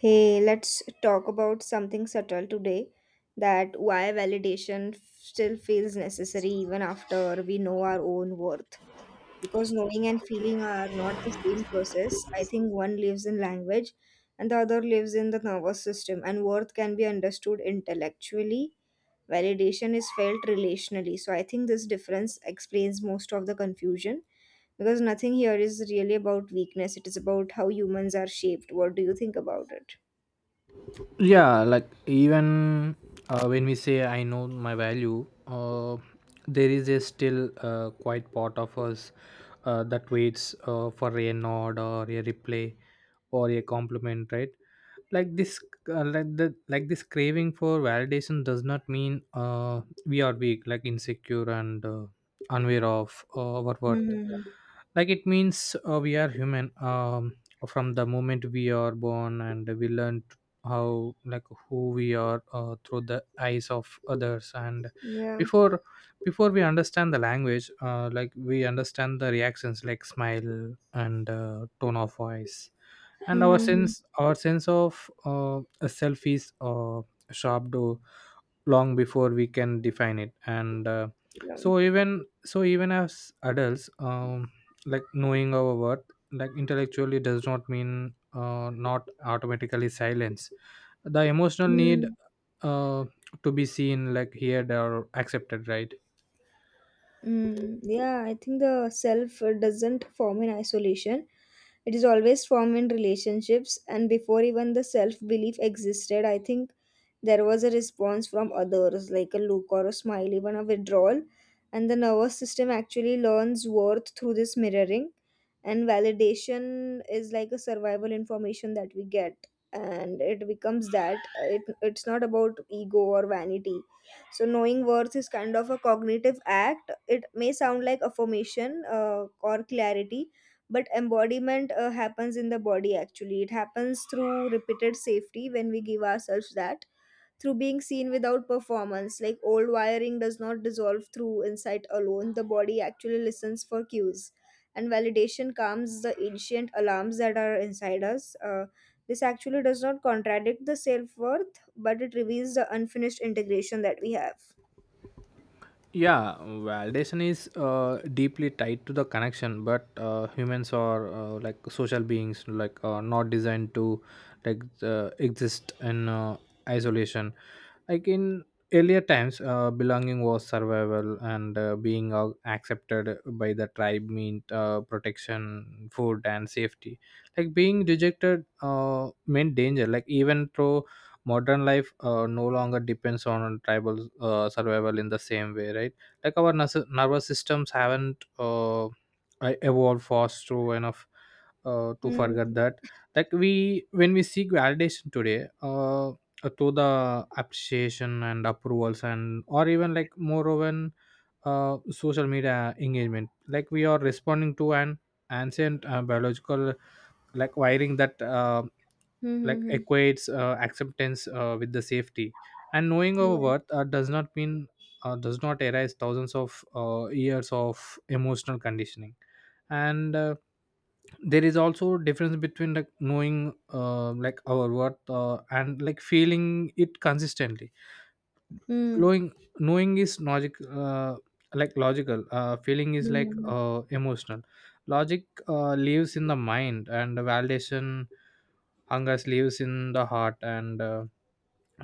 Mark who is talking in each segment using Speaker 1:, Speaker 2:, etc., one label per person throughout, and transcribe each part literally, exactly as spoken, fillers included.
Speaker 1: Hey, let's talk about something subtle today that why validation f- still feels necessary even after we know our own worth. Because knowing and feeling are not the same process. I think one lives in language and the other lives in the nervous system, and worth can be understood intellectually. Validation is felt relationally. So I think this difference explains most of the confusion because nothing here is really about weakness, it is about how humans are shaped. What do you think about it?
Speaker 2: Yeah, like even, uh, when we say I know my value, uh, there is a still, uh, quite part of us uh, that waits uh, for a nod or a replay or a compliment, right? Like this, uh, like the like this craving for validation does not mean uh, we are weak, like insecure and uh, unaware of uh, our worth.
Speaker 1: Mhm.
Speaker 2: Like it means, uh, we are human. Um, from the moment we are born and we learn how, like who we are, uh, through the eyes of others. And
Speaker 1: Yeah.
Speaker 2: before before we understand the language, uh, like we understand the reactions, like smile and uh, tone of voice, and our
Speaker 1: Mhm.
Speaker 2: sense our sense of uh, self is uh, sharp long before we can define it. And uh,
Speaker 1: Yeah.
Speaker 2: so even so even as adults, um, like knowing our worth, like intellectually does not mean, uh, not automatically silence the emotional need
Speaker 1: Mm,
Speaker 2: uh, to be seen, like heard or accepted, right?
Speaker 1: mm. Yeah, I think the self uh, doesn't form in isolation. It is always formed in relationships, and before even the self belief existed, I think there was a response from others, like a look or a smile, even a withdrawal. And the nervous system actually learns worth through this mirroring, and validation is like a survival information that we get and it becomes that, uh, it, it's not about ego or vanity. So knowing worth is kind of a cognitive act. It may sound like affirmation uh, or clarity, but embodiment uh, happens in the body. Actually it happens through repeated safety when we give ourselves that, through being seen without performance. Like old wiring does not dissolve through insight alone, the body actually listens for cues. And validation calms the ancient alarms that are inside us. Uh, this actually does not contradict the self worth, but it reveals the unfinished integration that we have.
Speaker 2: Yeah, validation is uh, deeply tied to the connection. But uh, humans are, uh, like social beings, like uh, not designed to, like uh, exist in uh, isolation. Like in earlier times, uh, belonging was survival, and uh, being uh, accepted by the tribe meant uh, protection, food and safety. Like being rejected uh, meant danger. Like even though modern life uh, no longer depends on tribal uh, survival in the same way, right? Like our nervous nervous systems haven't uh, I- evolved fast through enough uh, to forget
Speaker 1: Hmm.
Speaker 2: that. Like we when we seek validation today, uh, uh, to the appreciation and approvals and, or even like more of an, uh, social media engagement, like we are responding to an ancient uh, biological like wiring that, uh,
Speaker 1: Hmm.
Speaker 2: like
Speaker 1: Hmm. Hmm.
Speaker 2: equates uh, acceptance uh, with the safety. And knowing our
Speaker 1: Yeah.
Speaker 2: worth, uh, does not mean, uh, does not arise thousands of uh, years of emotional conditioning. And uh, there is also difference between, like knowing, uh, like our worth, uh, and like feeling it consistently.
Speaker 1: Hmm.
Speaker 2: Knowing knowing is logic, uh, like logical, uh, feeling is like
Speaker 1: Hmm.
Speaker 2: uh, emotional. Logic uh, lives in the mind, and validation hungers lives in the heart. And uh,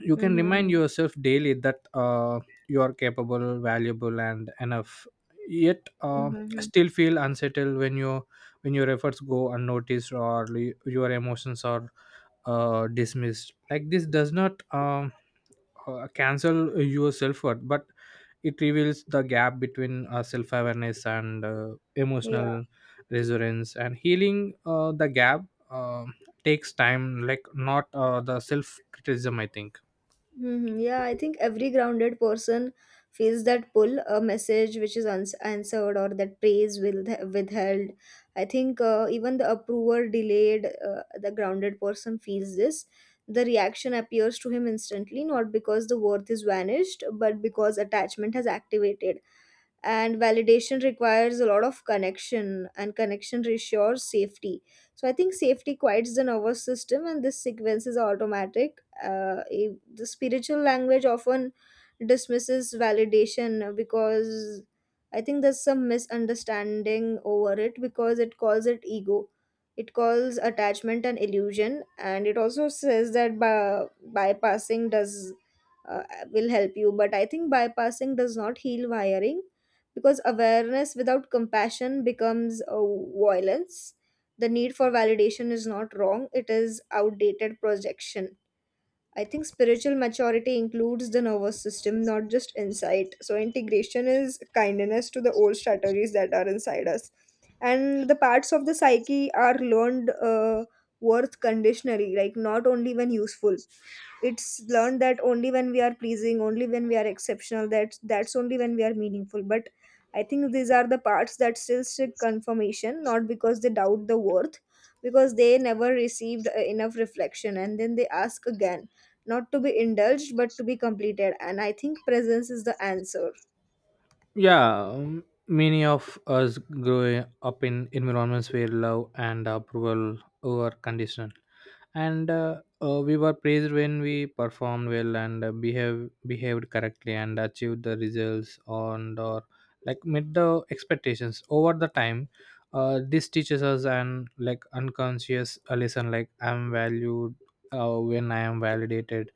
Speaker 2: you
Speaker 1: Hmm.
Speaker 2: can
Speaker 1: Hmm.
Speaker 2: remind
Speaker 1: Hmm.
Speaker 2: yourself daily that uh, you are capable, valuable and enough, yet
Speaker 1: Hmm.
Speaker 2: uh,
Speaker 1: Hmm. Hmm.
Speaker 2: still feel unsettled when you when your efforts go unnoticed, or y- your emotions are uh, dismissed. Like this does not, um, uh, cancel your self-worth, but it reveals the gap between uh, self-awareness and uh,
Speaker 1: Yeah.
Speaker 2: emotional resonance. And healing uh, the gap um takes time, like not uh, the self-criticism, I think.
Speaker 1: Hmm. Yeah, I think every grounded person feels that pull, a message which is uns- answered or that praise will withheld. I think uh, even the approver delayed, uh, the grounded person feels this. The reaction appears to him instantly, not because the worth is vanished, but because attachment has activated and validation requires a lot of connection and connection reassures safety. So I think safety quiets the nervous system and this sequence is automatic. Uh, if- the spiritual language often dismisses validation because I think there's some misunderstanding over it, because it calls it ego, it calls attachment an illusion, and it also says that by, bypassing does uh, will help you. But I think bypassing does not heal wiring because awareness without compassion becomes uh, violence. The need for validation is not wrong, it is outdated projection. I think spiritual maturity includes the nervous system, not just insight. So, integration is kindness to the old strategies that are inside us. And the parts of the psyche are learned uh, worth conditionally, like not only when useful. It's learned that only when we are pleasing, only when we are exceptional, that, that's only when we are meaningful. But I think these are the parts that still seek confirmation, not because they doubt the worth, because they never received uh, enough reflection, and then they ask again, not to be indulged but to be completed. And I think presence is the answer.
Speaker 2: Yeah, um, many of us grow up in environments where love and approval were conditional. And uh, uh, we were praised when we performed well, and uh, behave behaved correctly and achieved the results on, or like met the expectations over the time. Uh, this teaches us an, like unconscious uh, lesson, like I'm valued uh, when I am validated,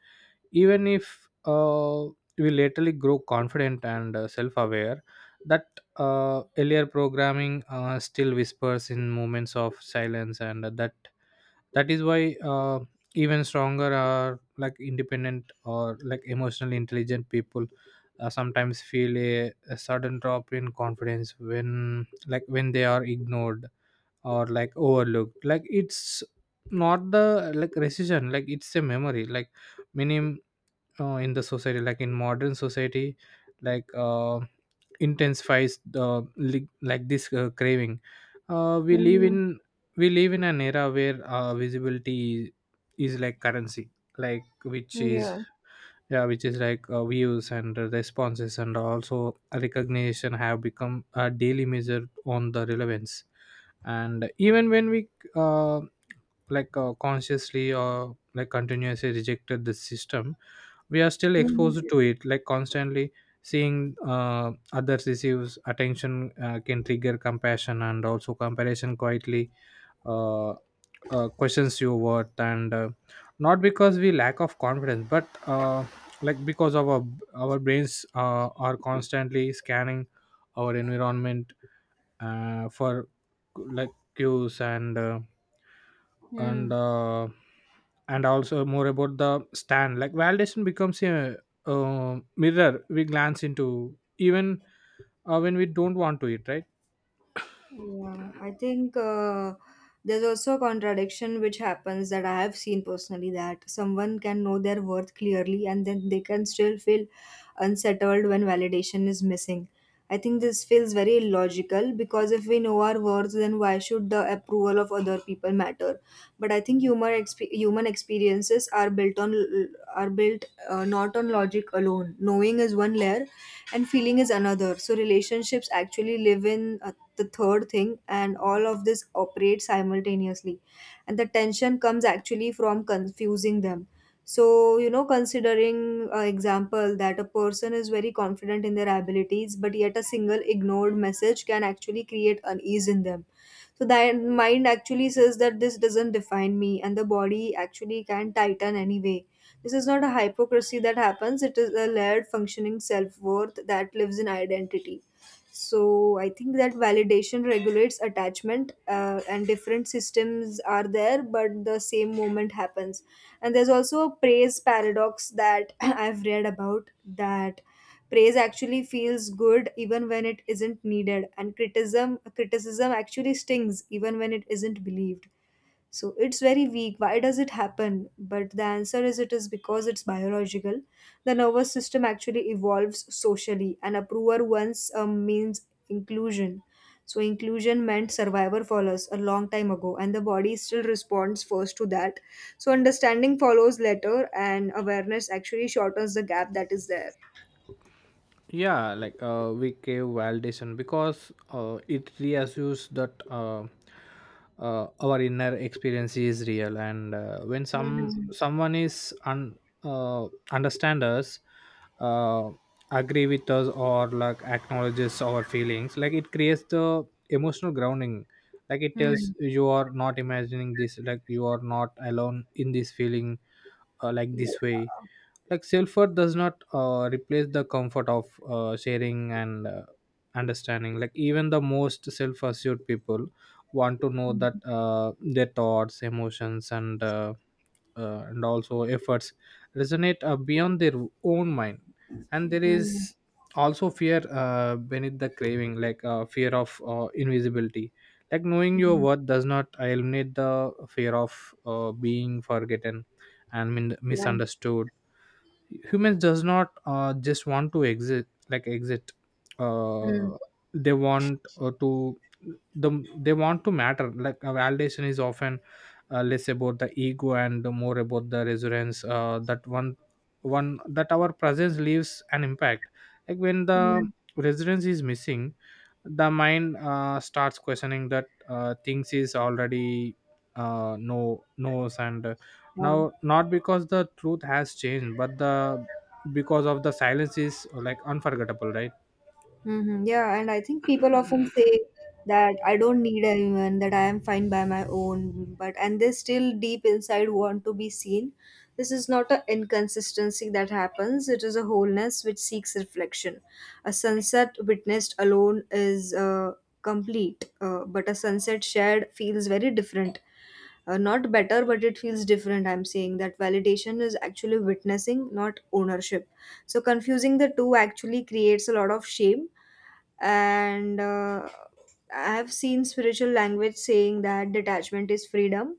Speaker 2: even if uh, we laterally grow confident and uh, self-aware, that uh, earlier programming uh, still whispers in moments of silence. And that that is why, uh, even stronger or like independent or like emotionally intelligent people uh, sometimes feel a, a sudden drop in confidence when, like when they are ignored or like overlooked. Like it's not the, like rescission, like it's a memory. Like many uh, in the society, like in modern society, like uh, intensifies the li- like this uh, craving. uh, we live
Speaker 1: Hmm.
Speaker 2: in we live in an era where uh, visibility is like currency, like which is,
Speaker 1: Yeah.
Speaker 2: yeah, which is like uh, views and responses, and also recognition have become a daily measure on the relevance. And even when we uh, like uh, consciously or like continuously rejected this system, we are still
Speaker 1: Hmm.
Speaker 2: exposed to it, like constantly seeing uh, others receives attention, uh, can trigger compassion and also comparison, quietly uh, uh, questions your worth, and uh, not because we lack of confidence, but uh, like because of our, our brains uh, are constantly scanning our environment uh, for like queues, and uh, and uh, and also more about the stand, like validation becomes a, uh mirror we glance into, even uh, when we don't want to it, right?
Speaker 1: Yeah, I think uh, there's also a contradiction which happens, that I have seen personally, that someone can know their worth clearly and then they can still feel unsettled when validation is missing. I think this feels very illogical because if we know our worth, then why should the approval of other people matter? But I think human exp- human experiences are built on are built uh, not on logic alone. Knowing is one layer, and feeling is another. So relationships actually live in uh, the third thing, and all of this operates simultaneously, and the tension comes actually from confusing them. So, you know, considering uh, example that a person is very confident in their abilities, but yet a single ignored message can actually create unease in them. So the mind actually says that this doesn't define me, and the body actually can tighten anyway. This is not a hypocrisy that happens, it is a layered functioning self-worth that lives in identity. So I think that validation regulates attachment, uh, and different systems are there but the same moment happens. And there's also a praise paradox that I've read about, that praise actually feels good even when it isn't needed, and criticism criticism actually stings even when it isn't believed. So it's very weak. Why does it happen? But the answer is, it is because it's biological. The nervous system actually evolves socially, and approval once um, means inclusion. So inclusion meant survivor for us a long time ago, and the body still responds first to that. So understanding follows later, and awareness actually shortens the gap that is there.
Speaker 2: Yeah, like uh, we gave validation because uh, it reassures that uh, uh, our inner experience is real. And uh, when some
Speaker 1: Mhm.
Speaker 2: someone is un, uh, understand us, uh, agree with us or like acknowledges our feelings, like it creates the emotional grounding, like it tells
Speaker 1: Hmm.
Speaker 2: you are not imagining this, like you are not alone in this feeling. Uh, like
Speaker 1: Yeah.
Speaker 2: this way, like self-worth does not uh, replace the comfort of uh, sharing and uh, understanding. Like even the most self-assured people want to know that uh, their thoughts, emotions and uh, uh, and also efforts resonate uh, beyond their own mind. And there
Speaker 1: Hmm.
Speaker 2: is also fear, uh, beneath the craving, like uh, fear of uh, invisibility. Like knowing your
Speaker 1: Hmm.
Speaker 2: worth does not eliminate the fear of uh, being forgotten and min-
Speaker 1: Yeah.
Speaker 2: misunderstood. Humans does not uh, just want to exit, like exit.
Speaker 1: Hmm.
Speaker 2: uh, they want uh, to the they want to matter, like uh, validation is often uh, less about the ego and more about the resonance uh, that one one that our presence leaves an impact. Like when the
Speaker 1: Hmm.
Speaker 2: resonance is missing, the mind uh, starts questioning that uh, things is already uh, no knows. And uh, now,
Speaker 1: Yeah.
Speaker 2: not because the truth has changed, but the because of the silence is like unforgettable, right?
Speaker 1: Mm-hmm. Yeah, and I think people often say that I don't need anyone, that I am fine by my own, but and they still deep inside want to be seen. This is not an inconsistency that happens, it is a wholeness which seeks reflection. A sunset witnessed alone is uh, complete, uh, but a sunset shared feels very different. Uh, not better, but it feels different. I'm saying that validation is actually witnessing, not ownership. So, confusing the two actually creates a lot of shame, and uh, I have seen spiritual language saying that detachment is freedom,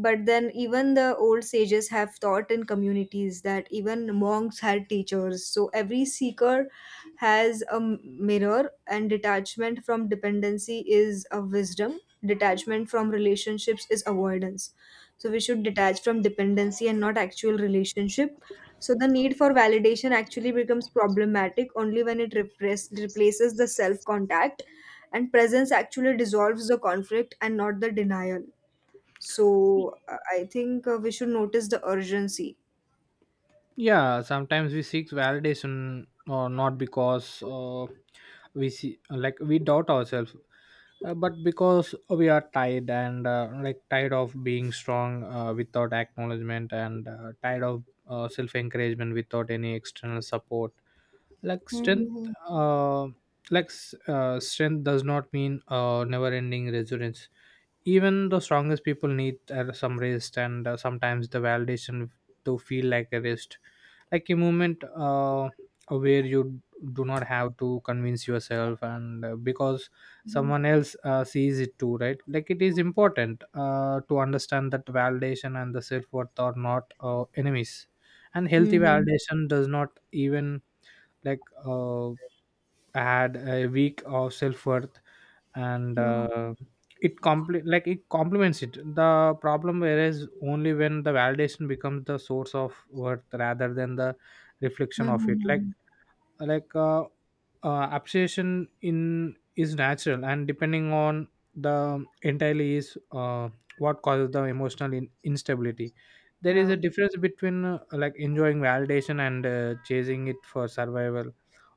Speaker 1: but then, even the old sages have taught in communities that even monks had teachers. So, every seeker has a mirror, and detachment from dependency is a wisdom, detachment from relationships is avoidance. So, we should detach from dependency and not actual relationship. So, the need for validation actually becomes problematic only when it repress- replaces the self contact, and presence actually dissolves the conflict and not the denial. So uh, I think uh, we should notice the urgency.
Speaker 2: Yeah, sometimes we seek validation, or not because uh, we see, like we doubt ourselves, uh, but because we are tired, and uh, like tired of being strong uh, without acknowledgement, and uh, tired of uh, self encouragement without any external support. Like strength uh, like s- uh, strength does not mean uh, never ending resilience. Even the strongest people need uh, some rest, and uh, sometimes the validation, to feel like a rest, like a moment uh, where you do not have to convince yourself, and uh, because
Speaker 1: Mhm.
Speaker 2: someone else uh, sees it too, right? Like it is important uh, to understand that validation and the self-worth are not uh, enemies. And healthy
Speaker 1: Mhm.
Speaker 2: validation does not even, like uh, I had a week of self worth, and
Speaker 1: Mhm.
Speaker 2: uh, it complete, like it complements it. The problem whereas only when the validation becomes the source of worth, rather than the reflection of it. Like,
Speaker 1: Mhm.
Speaker 2: like uh, uh, appreciation in is natural, and depending on the entirely is uh, what causes the emotional in- instability. There is a difference between, uh, like enjoying validation and uh, chasing it for survival,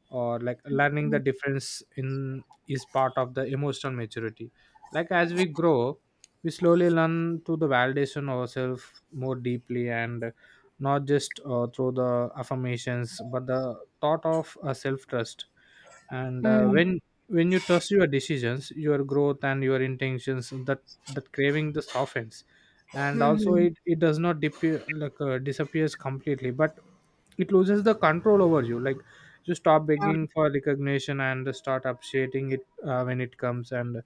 Speaker 2: or like learning the
Speaker 1: Mhm.
Speaker 2: difference in is part of the emotional maturity. Like as we grow, we slowly learn to the validation ourselves more deeply, and not just uh, through the affirmations, but the thought of uh, self trust. And uh,
Speaker 1: Mhm.
Speaker 2: when when you trust your decisions, your growth and your intentions, that that craving the softens. And
Speaker 1: Mhm.
Speaker 2: also
Speaker 1: Mhm.
Speaker 2: it, it does not disappear, like uh, disappears completely, but it loses the control over you. Like you stop
Speaker 1: Mhm.
Speaker 2: begging for recognition and start appreciating it uh, when it comes, and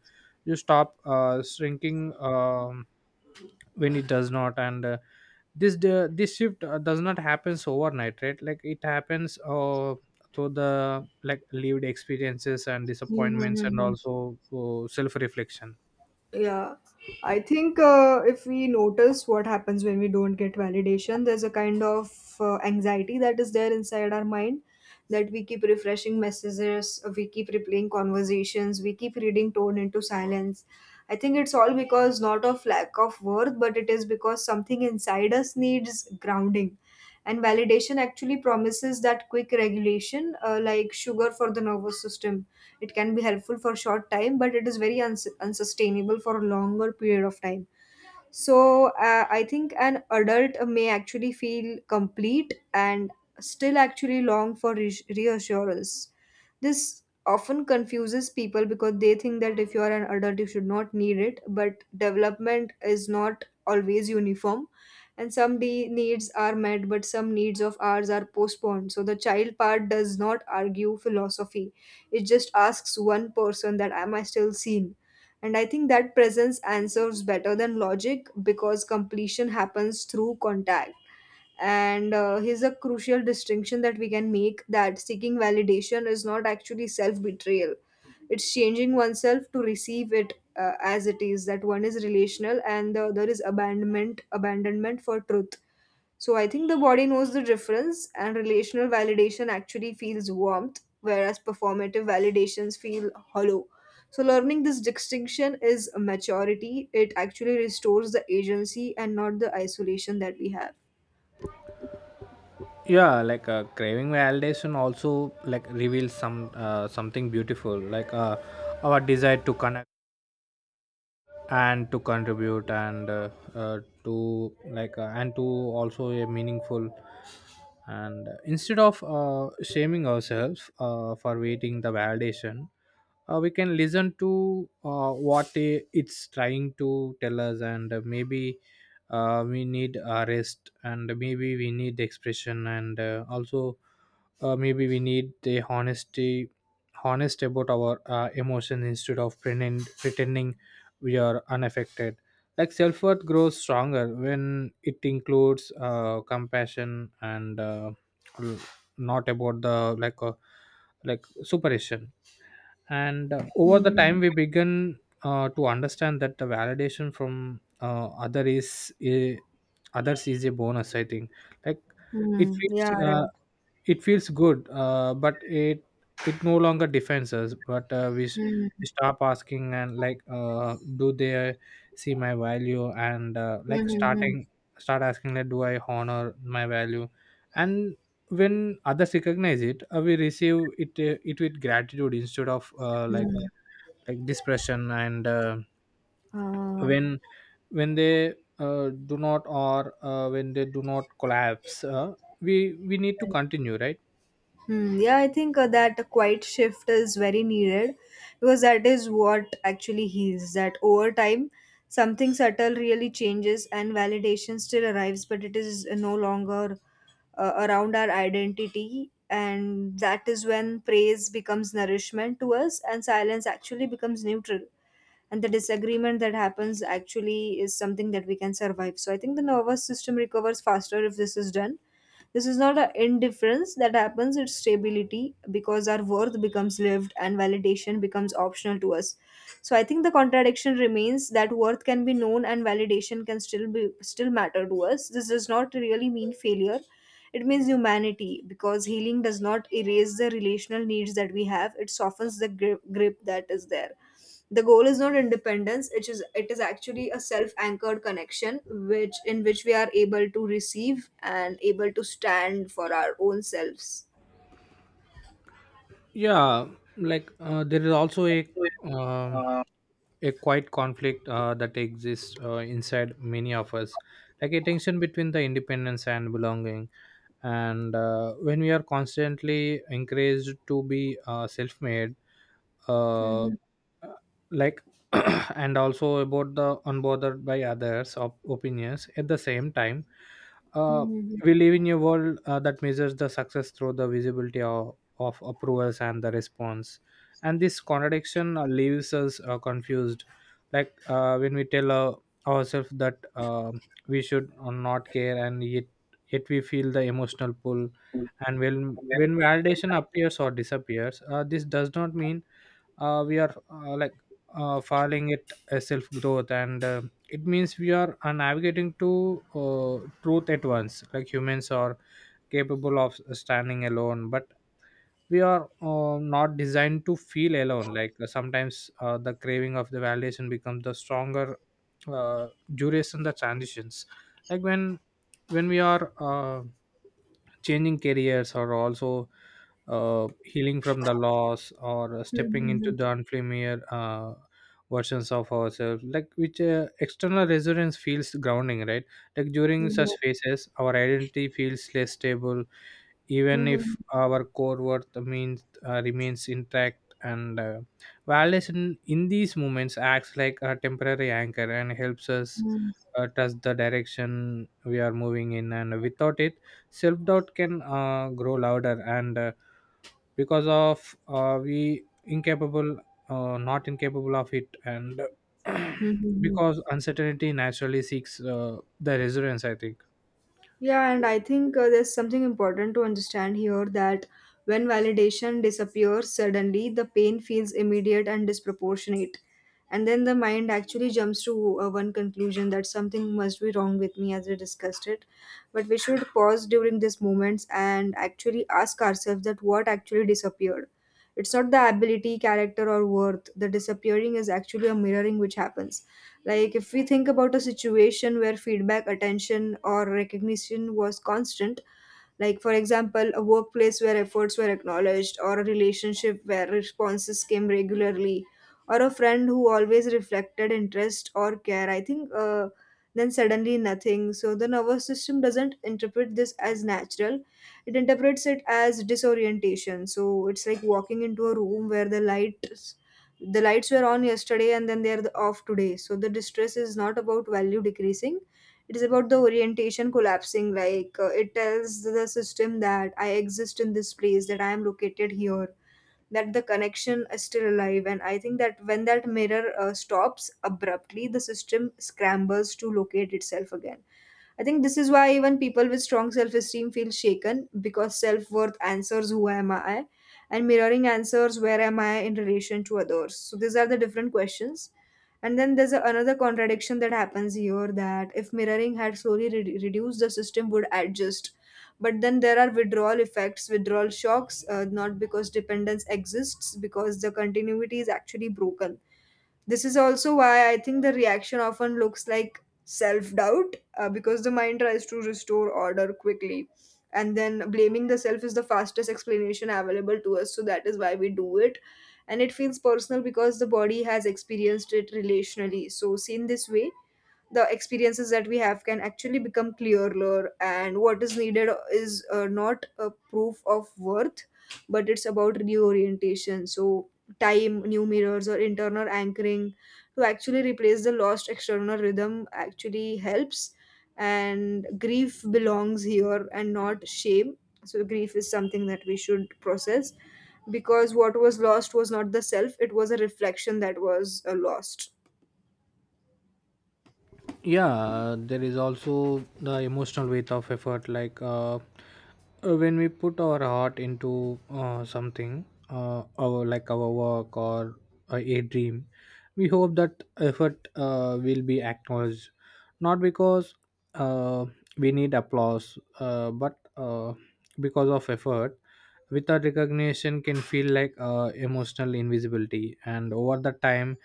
Speaker 2: you stop uh, shrinking um, when it does not. And uh, this the this shift uh, does not happens overnight, right? Like it happens uh, through the, like lived experiences and
Speaker 1: Mhm.
Speaker 2: disappointments,
Speaker 1: Mhm.
Speaker 2: and
Speaker 1: Mhm.
Speaker 2: also uh, self-reflection.
Speaker 1: Yeah, I think uh, if we notice what happens when we don't get validation, there's a kind of uh, anxiety that is there inside our mind, that we keep refreshing messages, we keep replaying conversations, we keep reading tone into silence. I think it's all because not of lack of worth, but it is because something inside us needs grounding. And validation actually promises that quick regulation, uh, like sugar for the nervous system. It can be helpful for short time, but it is very uns- unsustainable for a longer period of time. So uh, I think an adult may actually feel complete and still actually long for re- reassurance. This often confuses people because they think that if you are an adult, you should not need it. But development is not always uniform, and some de- needs are met, but some needs of ours are postponed. So the child part does not argue philosophy; it just asks one person that, "Am I still seen?" And I think that presence answers better than logic because completion happens through contact. And uh, here's a crucial distinction that we can make, that seeking validation is not actually self betrayal, it's changing oneself to receive it. Uh, as it is that one is relational and the other is abandonment abandonment for truth. So I think the body knows the difference, and relational validation actually feels warmth, whereas performative validations feel hollow. So learning this distinction is maturity. It actually restores the agency and not the isolation that we have.
Speaker 2: Yeah, like uh, craving validation also, like reveals some uh, something beautiful, like uh, our desire to connect and to contribute, and uh, uh, to like uh, and to also a meaningful. And instead of uh, shaming ourselves uh, for waiting the validation, uh, we can listen to uh, what i- it's trying to tell us, and uh, maybe uh, we need a rest, and maybe we need expression, and uh, also uh, maybe we need the honesty, honest about our uh, emotion, instead of pretend, pretending we are unaffected. Like self-worth grows stronger when it includes uh, compassion, and uh, l- not about the, like uh, like superstition. And uh, over the
Speaker 1: Mm-hmm.
Speaker 2: time we begin uh, to understand that the validation from uh, other is, i- others is a bonus, I think. Like it
Speaker 1: Yeah,
Speaker 2: feels uh,
Speaker 1: right.
Speaker 2: it feels good, uh, but it it no longer defines us. But uh, we, s-
Speaker 1: Mm-hmm.
Speaker 2: we stop asking and, like uh, do they see my value, and uh, like starting start asking, like do I honor my value. And when others recognize it, uh, we receive it, uh, it with gratitude, instead of uh, like
Speaker 1: Mm-hmm.
Speaker 2: like depression. And uh,
Speaker 1: Uh,
Speaker 2: when when they uh, do not, or uh, when they do not collapse, uh, we we need to continue, right?
Speaker 1: hmm, yeah, I think uh, that a quiet shift is very needed because that is what actually heals. That over time, something subtle really changes and validation still arrives, but it is uh, no longer uh, around our identity. And that is when praise becomes nourishment to us and silence actually becomes neutral. And the disagreement that happens actually is something that we can survive. So I think the nervous system recovers faster if this is done. This is not an indifference that happens, it's stability, because our worth becomes lived and validation becomes optional to us. So I think the contradiction remains that worth can be known and validation can still be still matter to us. This does not really mean failure. It means humanity, because healing does not erase the relational needs that we have, it softens the grip, grip that is there. The goal is not independence, it is it is actually a self-anchored connection which in which we are able to receive and able to stand for our own selves.
Speaker 2: Yeah, like uh, there is also a um, a quiet conflict uh, that exists uh, inside many of us, like a tension between the independence and belonging. And uh, when we are constantly encouraged to be uh, self-made, uh,
Speaker 1: Mhm.
Speaker 2: like and also about the unbothered by others of opinions at the same time uh,
Speaker 1: Mhm.
Speaker 2: we live in a world uh, that measures the success through the visibility of, of approvals and the response. And this contradiction uh, leaves us uh, confused. Like uh, when we tell uh, ourselves that uh, we should uh, not care, and yet yet we feel the emotional pull. And when when validation appears or disappears, uh, this does not mean uh, we are uh, like uh, filing it as self growth, and uh, it means we are uh, navigating to uh, truth at once. Like humans are capable of standing alone, but we are uh, not designed to feel alone. Like uh, sometimes uh, the craving of the validation becomes the stronger uh, duration the transitions. Like when when we are uh, changing careers, or also uh, healing from the loss or stepping into
Speaker 1: Mhm.
Speaker 2: the unfamiliar uh, versions of ourselves, like which uh, external resonance feels grounding, right? Like during
Speaker 1: Mhm.
Speaker 2: such
Speaker 1: Yeah.
Speaker 2: phases our identity feels less stable, even
Speaker 1: Mhm.
Speaker 2: if our core worth means uh, remains intact. And uh, validation in these moments acts like a temporary anchor and helps us
Speaker 1: Mhm.
Speaker 2: uh, touch the direction we are moving in. And without it, self-doubt can uh, grow louder. And uh, because of uh, we incapable, uh, not incapable of it. And
Speaker 1: Mhm.
Speaker 2: because uncertainty naturally seeks uh, the resilience, I think.
Speaker 1: Yeah, and I think uh, there's something important to understand here, that when validation disappears suddenly, the pain feels immediate and disproportionate. And then the mind actually jumps to uh, one conclusion that something must be wrong with me, as we discussed it. But we should pause during these moments and actually ask ourselves that what actually disappeared. It's not the ability, character, or worth. The disappearing is actually a mirroring which happens, like, if we think about a situation where feedback, attention, or recognition was constant, like for example a workplace where efforts were acknowledged or a relationship where responses came regularly or a friend who always reflected interest or care, I think uh, then suddenly nothing. So the nervous system doesn't interpret this as natural, it interprets it as disorientation. So it's like walking into a room where the light the lights were on yesterday and then they're off today. So the distress is not about value decreasing, it is about the orientation collapsing. Like, uh, it tells the system that I exist in this place, that I am located here, that the connection is still alive. And I think that when that mirror uh, stops abruptly, the system scrambles to locate itself again. I think this is why even people with strong self esteem feel shaken, because self worth answers who am I, and mirroring answers where am I in relation to others. So these are the different questions. And then there's a, another contradiction that happens here, that if mirroring had slowly re- reduced, the system would adjust. But then there are withdrawal effects, withdrawal shocks, uh, not because dependence exists, because the continuity is actually broken. This is also why I think the reaction often looks like self doubt, uh, because the mind tries to restore order quickly. And then blaming the self is the fastest explanation available to us, so that is why we do it. And it feels personal because the body has experienced it relationally. So, seen this way, the experiences that we have can actually become clearer, and what is needed is uh, not a proof of worth, but it's about reorientation. So time, new mirrors, or internal anchoring to actually replace the lost external rhythm actually helps. And grief belongs here and not shame. So grief is something that we should process, because what was lost was not the self, it was a reflection that was uh, lost.
Speaker 2: Yeah, uh, there is also the emotional weight of effort. Like uh, uh, when we put our heart into uh, something, uh, our, like our work, or uh, a dream, we hope that effort uh, will be acknowledged, not because uh, we need applause, uh, but uh, because of effort without recognition can feel like uh, emotional invisibility. And over the time,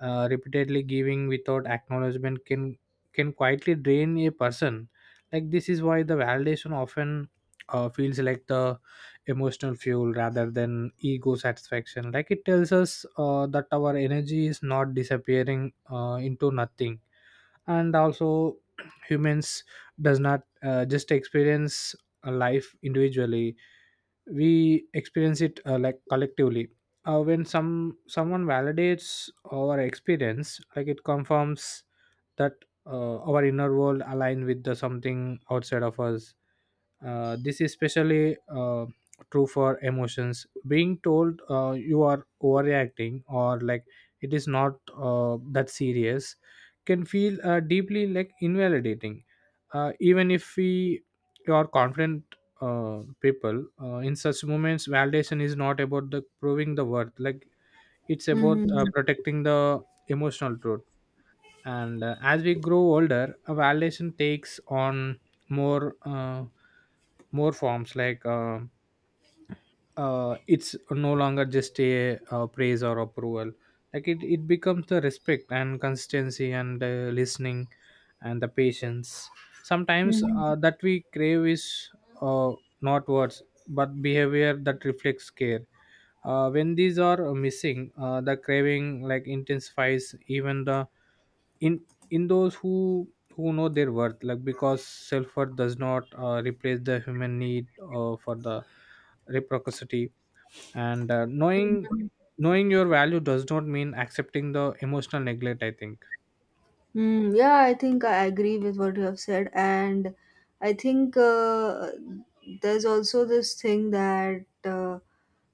Speaker 2: uh, repeatedly giving without acknowledgement can can quietly drain a person. Like this is why the validation often uh, feels like the emotional fuel rather than ego satisfaction. Like it tells us uh, that our energy is not disappearing uh, into nothing. And also humans does not uh, just experience a life individually. We experience it uh, like collectively. Uh, when some someone validates our experience, like it confirms that uh, our inner world align with the something outside of us. Uh, this is especially uh, true for emotions. Being told uh, you are overreacting, or like it is not uh, that serious, can feel uh, deeply like invalidating. Uh, even if we are confident, uh, people, uh, in such moments, validation is not about the proving the worth. Like it's about
Speaker 1: Mm-hmm.
Speaker 2: uh, protecting the emotional truth. And uh, as we grow older, a validation takes on more uh, more forms. Like uh, uh, it's no longer just a uh, praise or approval. Like it, it becomes the respect and consistency and uh, listening and the patience. Sometimes uh, that we crave is uh, not words but behavior that reflects care. Uh, when these are missing, uh, the craving like intensifies, even the in in those who who know their worth. Like because self-worth does not uh, replace the human need uh, for the reciprocity. And uh, knowing knowing your value does not mean accepting the emotional neglect, I think.
Speaker 1: Mm, yeah, I think I agree with what you have said, and I think uh, there's also this thing that uh,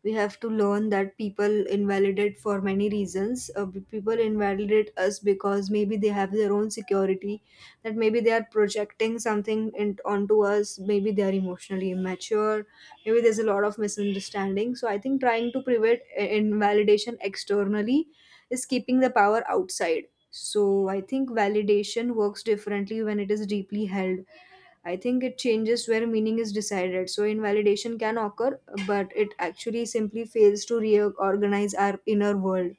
Speaker 1: we have to learn that people invalidate for many reasons. Uh, b- people invalidate us because maybe they have their own security, that maybe they are projecting something in, onto us, maybe they are emotionally immature, maybe there's a lot of misunderstanding. So I think trying to prevent uh, invalidation externally is keeping the power outside. So I think validation works differently when it is deeply held. I think it changes where meaning is decided. So invalidation can occur, but it actually simply fails to reorganize our inner world.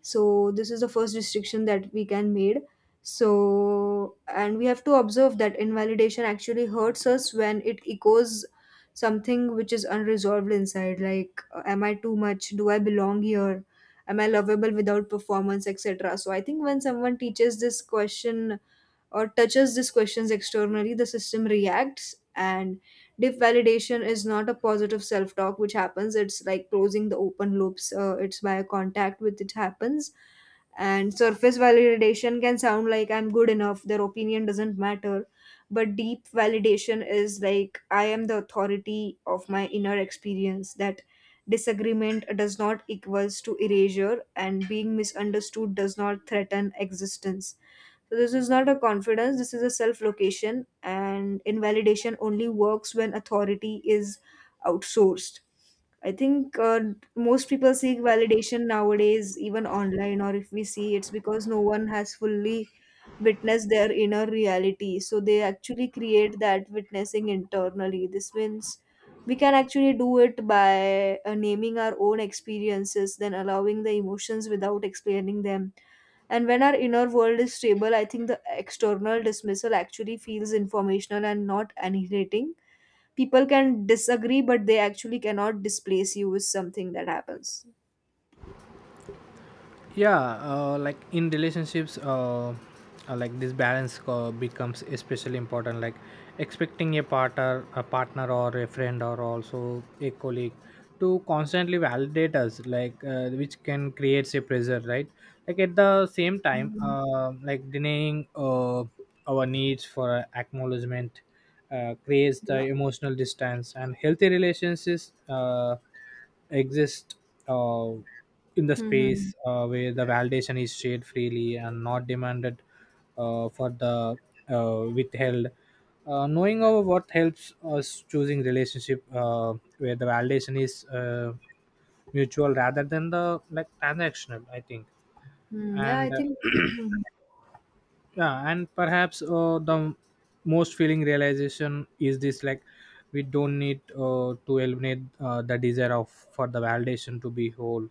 Speaker 1: So this is the first restriction that we can made. So, and we have to observe that invalidation actually hurts us when it echoes something which is unresolved inside, like, uh, am I too much, do I belong here, am I lovable without performance, etc. So I think when someone teaches this question or touches these questions externally, the system reacts, and deep validation is not a positive self talk which happens, it's like closing the open loops, uh, it's by a contact which it happens. And surface validation can sound like I'm good enough, their opinion doesn't matter, but deep validation is like I am the authority of my inner experience, that disagreement does not equals to erasure, and being misunderstood does not threaten existence. So this is not a confidence, this is a self location, and invalidation only works when authority is outsourced. I think uh, most people seek validation nowadays, even online, or if we see, it's because no one has fully witnessed their inner reality. So they actually create that witnessing internally. This means we can actually do it by uh, naming our own experiences, then allowing the emotions without explaining them. And when our inner world is stable, I think the external dismissal actually feels informational and not annihilating. People can disagree, but they actually cannot displace you with something that happens.
Speaker 2: Yeah, uh, like in relationships, uh, uh, like this balance uh, becomes especially important. Like expecting a partner a partner or a friend or also a colleague to constantly validate us, like uh, which can create a pressure, right? Like at the same time,
Speaker 1: Mhm.
Speaker 2: uh, like denying uh, our needs for acknowledgement uh, creates the
Speaker 1: Yeah.
Speaker 2: emotional distance. And healthy relationships uh, exist uh, in the
Speaker 1: Mm-hmm.
Speaker 2: space uh, where the validation is shared freely and not demanded uh, for the uh, withheld. Uh, knowing our worth helps us choosing relationship uh, where the validation is uh, mutual rather than the like transactional, I think.
Speaker 1: Mm-hmm. Yeah,
Speaker 2: And
Speaker 1: I think.
Speaker 2: uh,
Speaker 1: Mm-hmm.
Speaker 2: yeah, and perhaps uh, the most feeling realization is this. Like we don't need uh, to eliminate uh, the desire of for the validation to be whole.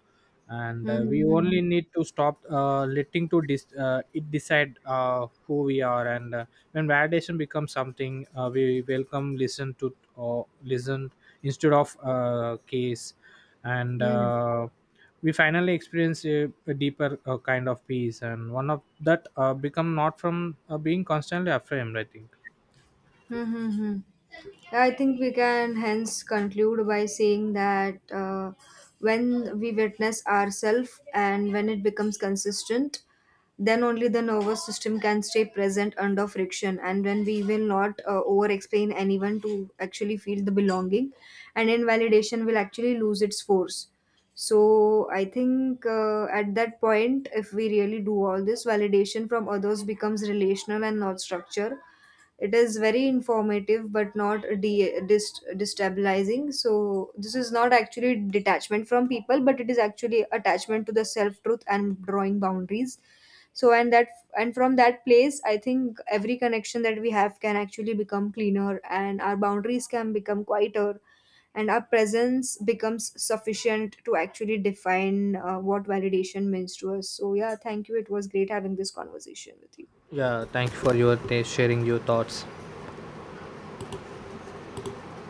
Speaker 2: And uh, we
Speaker 1: Mm-hmm.
Speaker 2: only need to stop uh, letting to dis- uh, it decide uh, who we are. And uh, when validation becomes something uh, we welcome, listen to or listen instead of uh, case, and
Speaker 1: Mm-hmm.
Speaker 2: uh, we finally experience a, a deeper uh, kind of peace, and one of that uh, become not from uh, being constantly aframed, I think.
Speaker 1: Mm-hmm. I think we can hence conclude by saying that uh, when we witness ourselves and when it becomes consistent, then only the nervous system can stay present under friction, and when we will not uh, over explain anyone to actually feel the belonging, and invalidation will actually lose its force. So, I think uh, at that point, if we really do all this, validation from others becomes relational and not structure, it is very informative but not de- dist- destabilizing. So, this is not actually detachment from people, but it is actually attachment to the self truth and drawing boundaries. So, and that and from that place, I think every connection that we have can actually become cleaner, and our boundaries can become quieter, and our presence becomes sufficient to actually define uh, what validation means to us. So, yeah, thank you. It was great having this conversation with you.
Speaker 2: Yeah, thank you for your t- sharing your thoughts.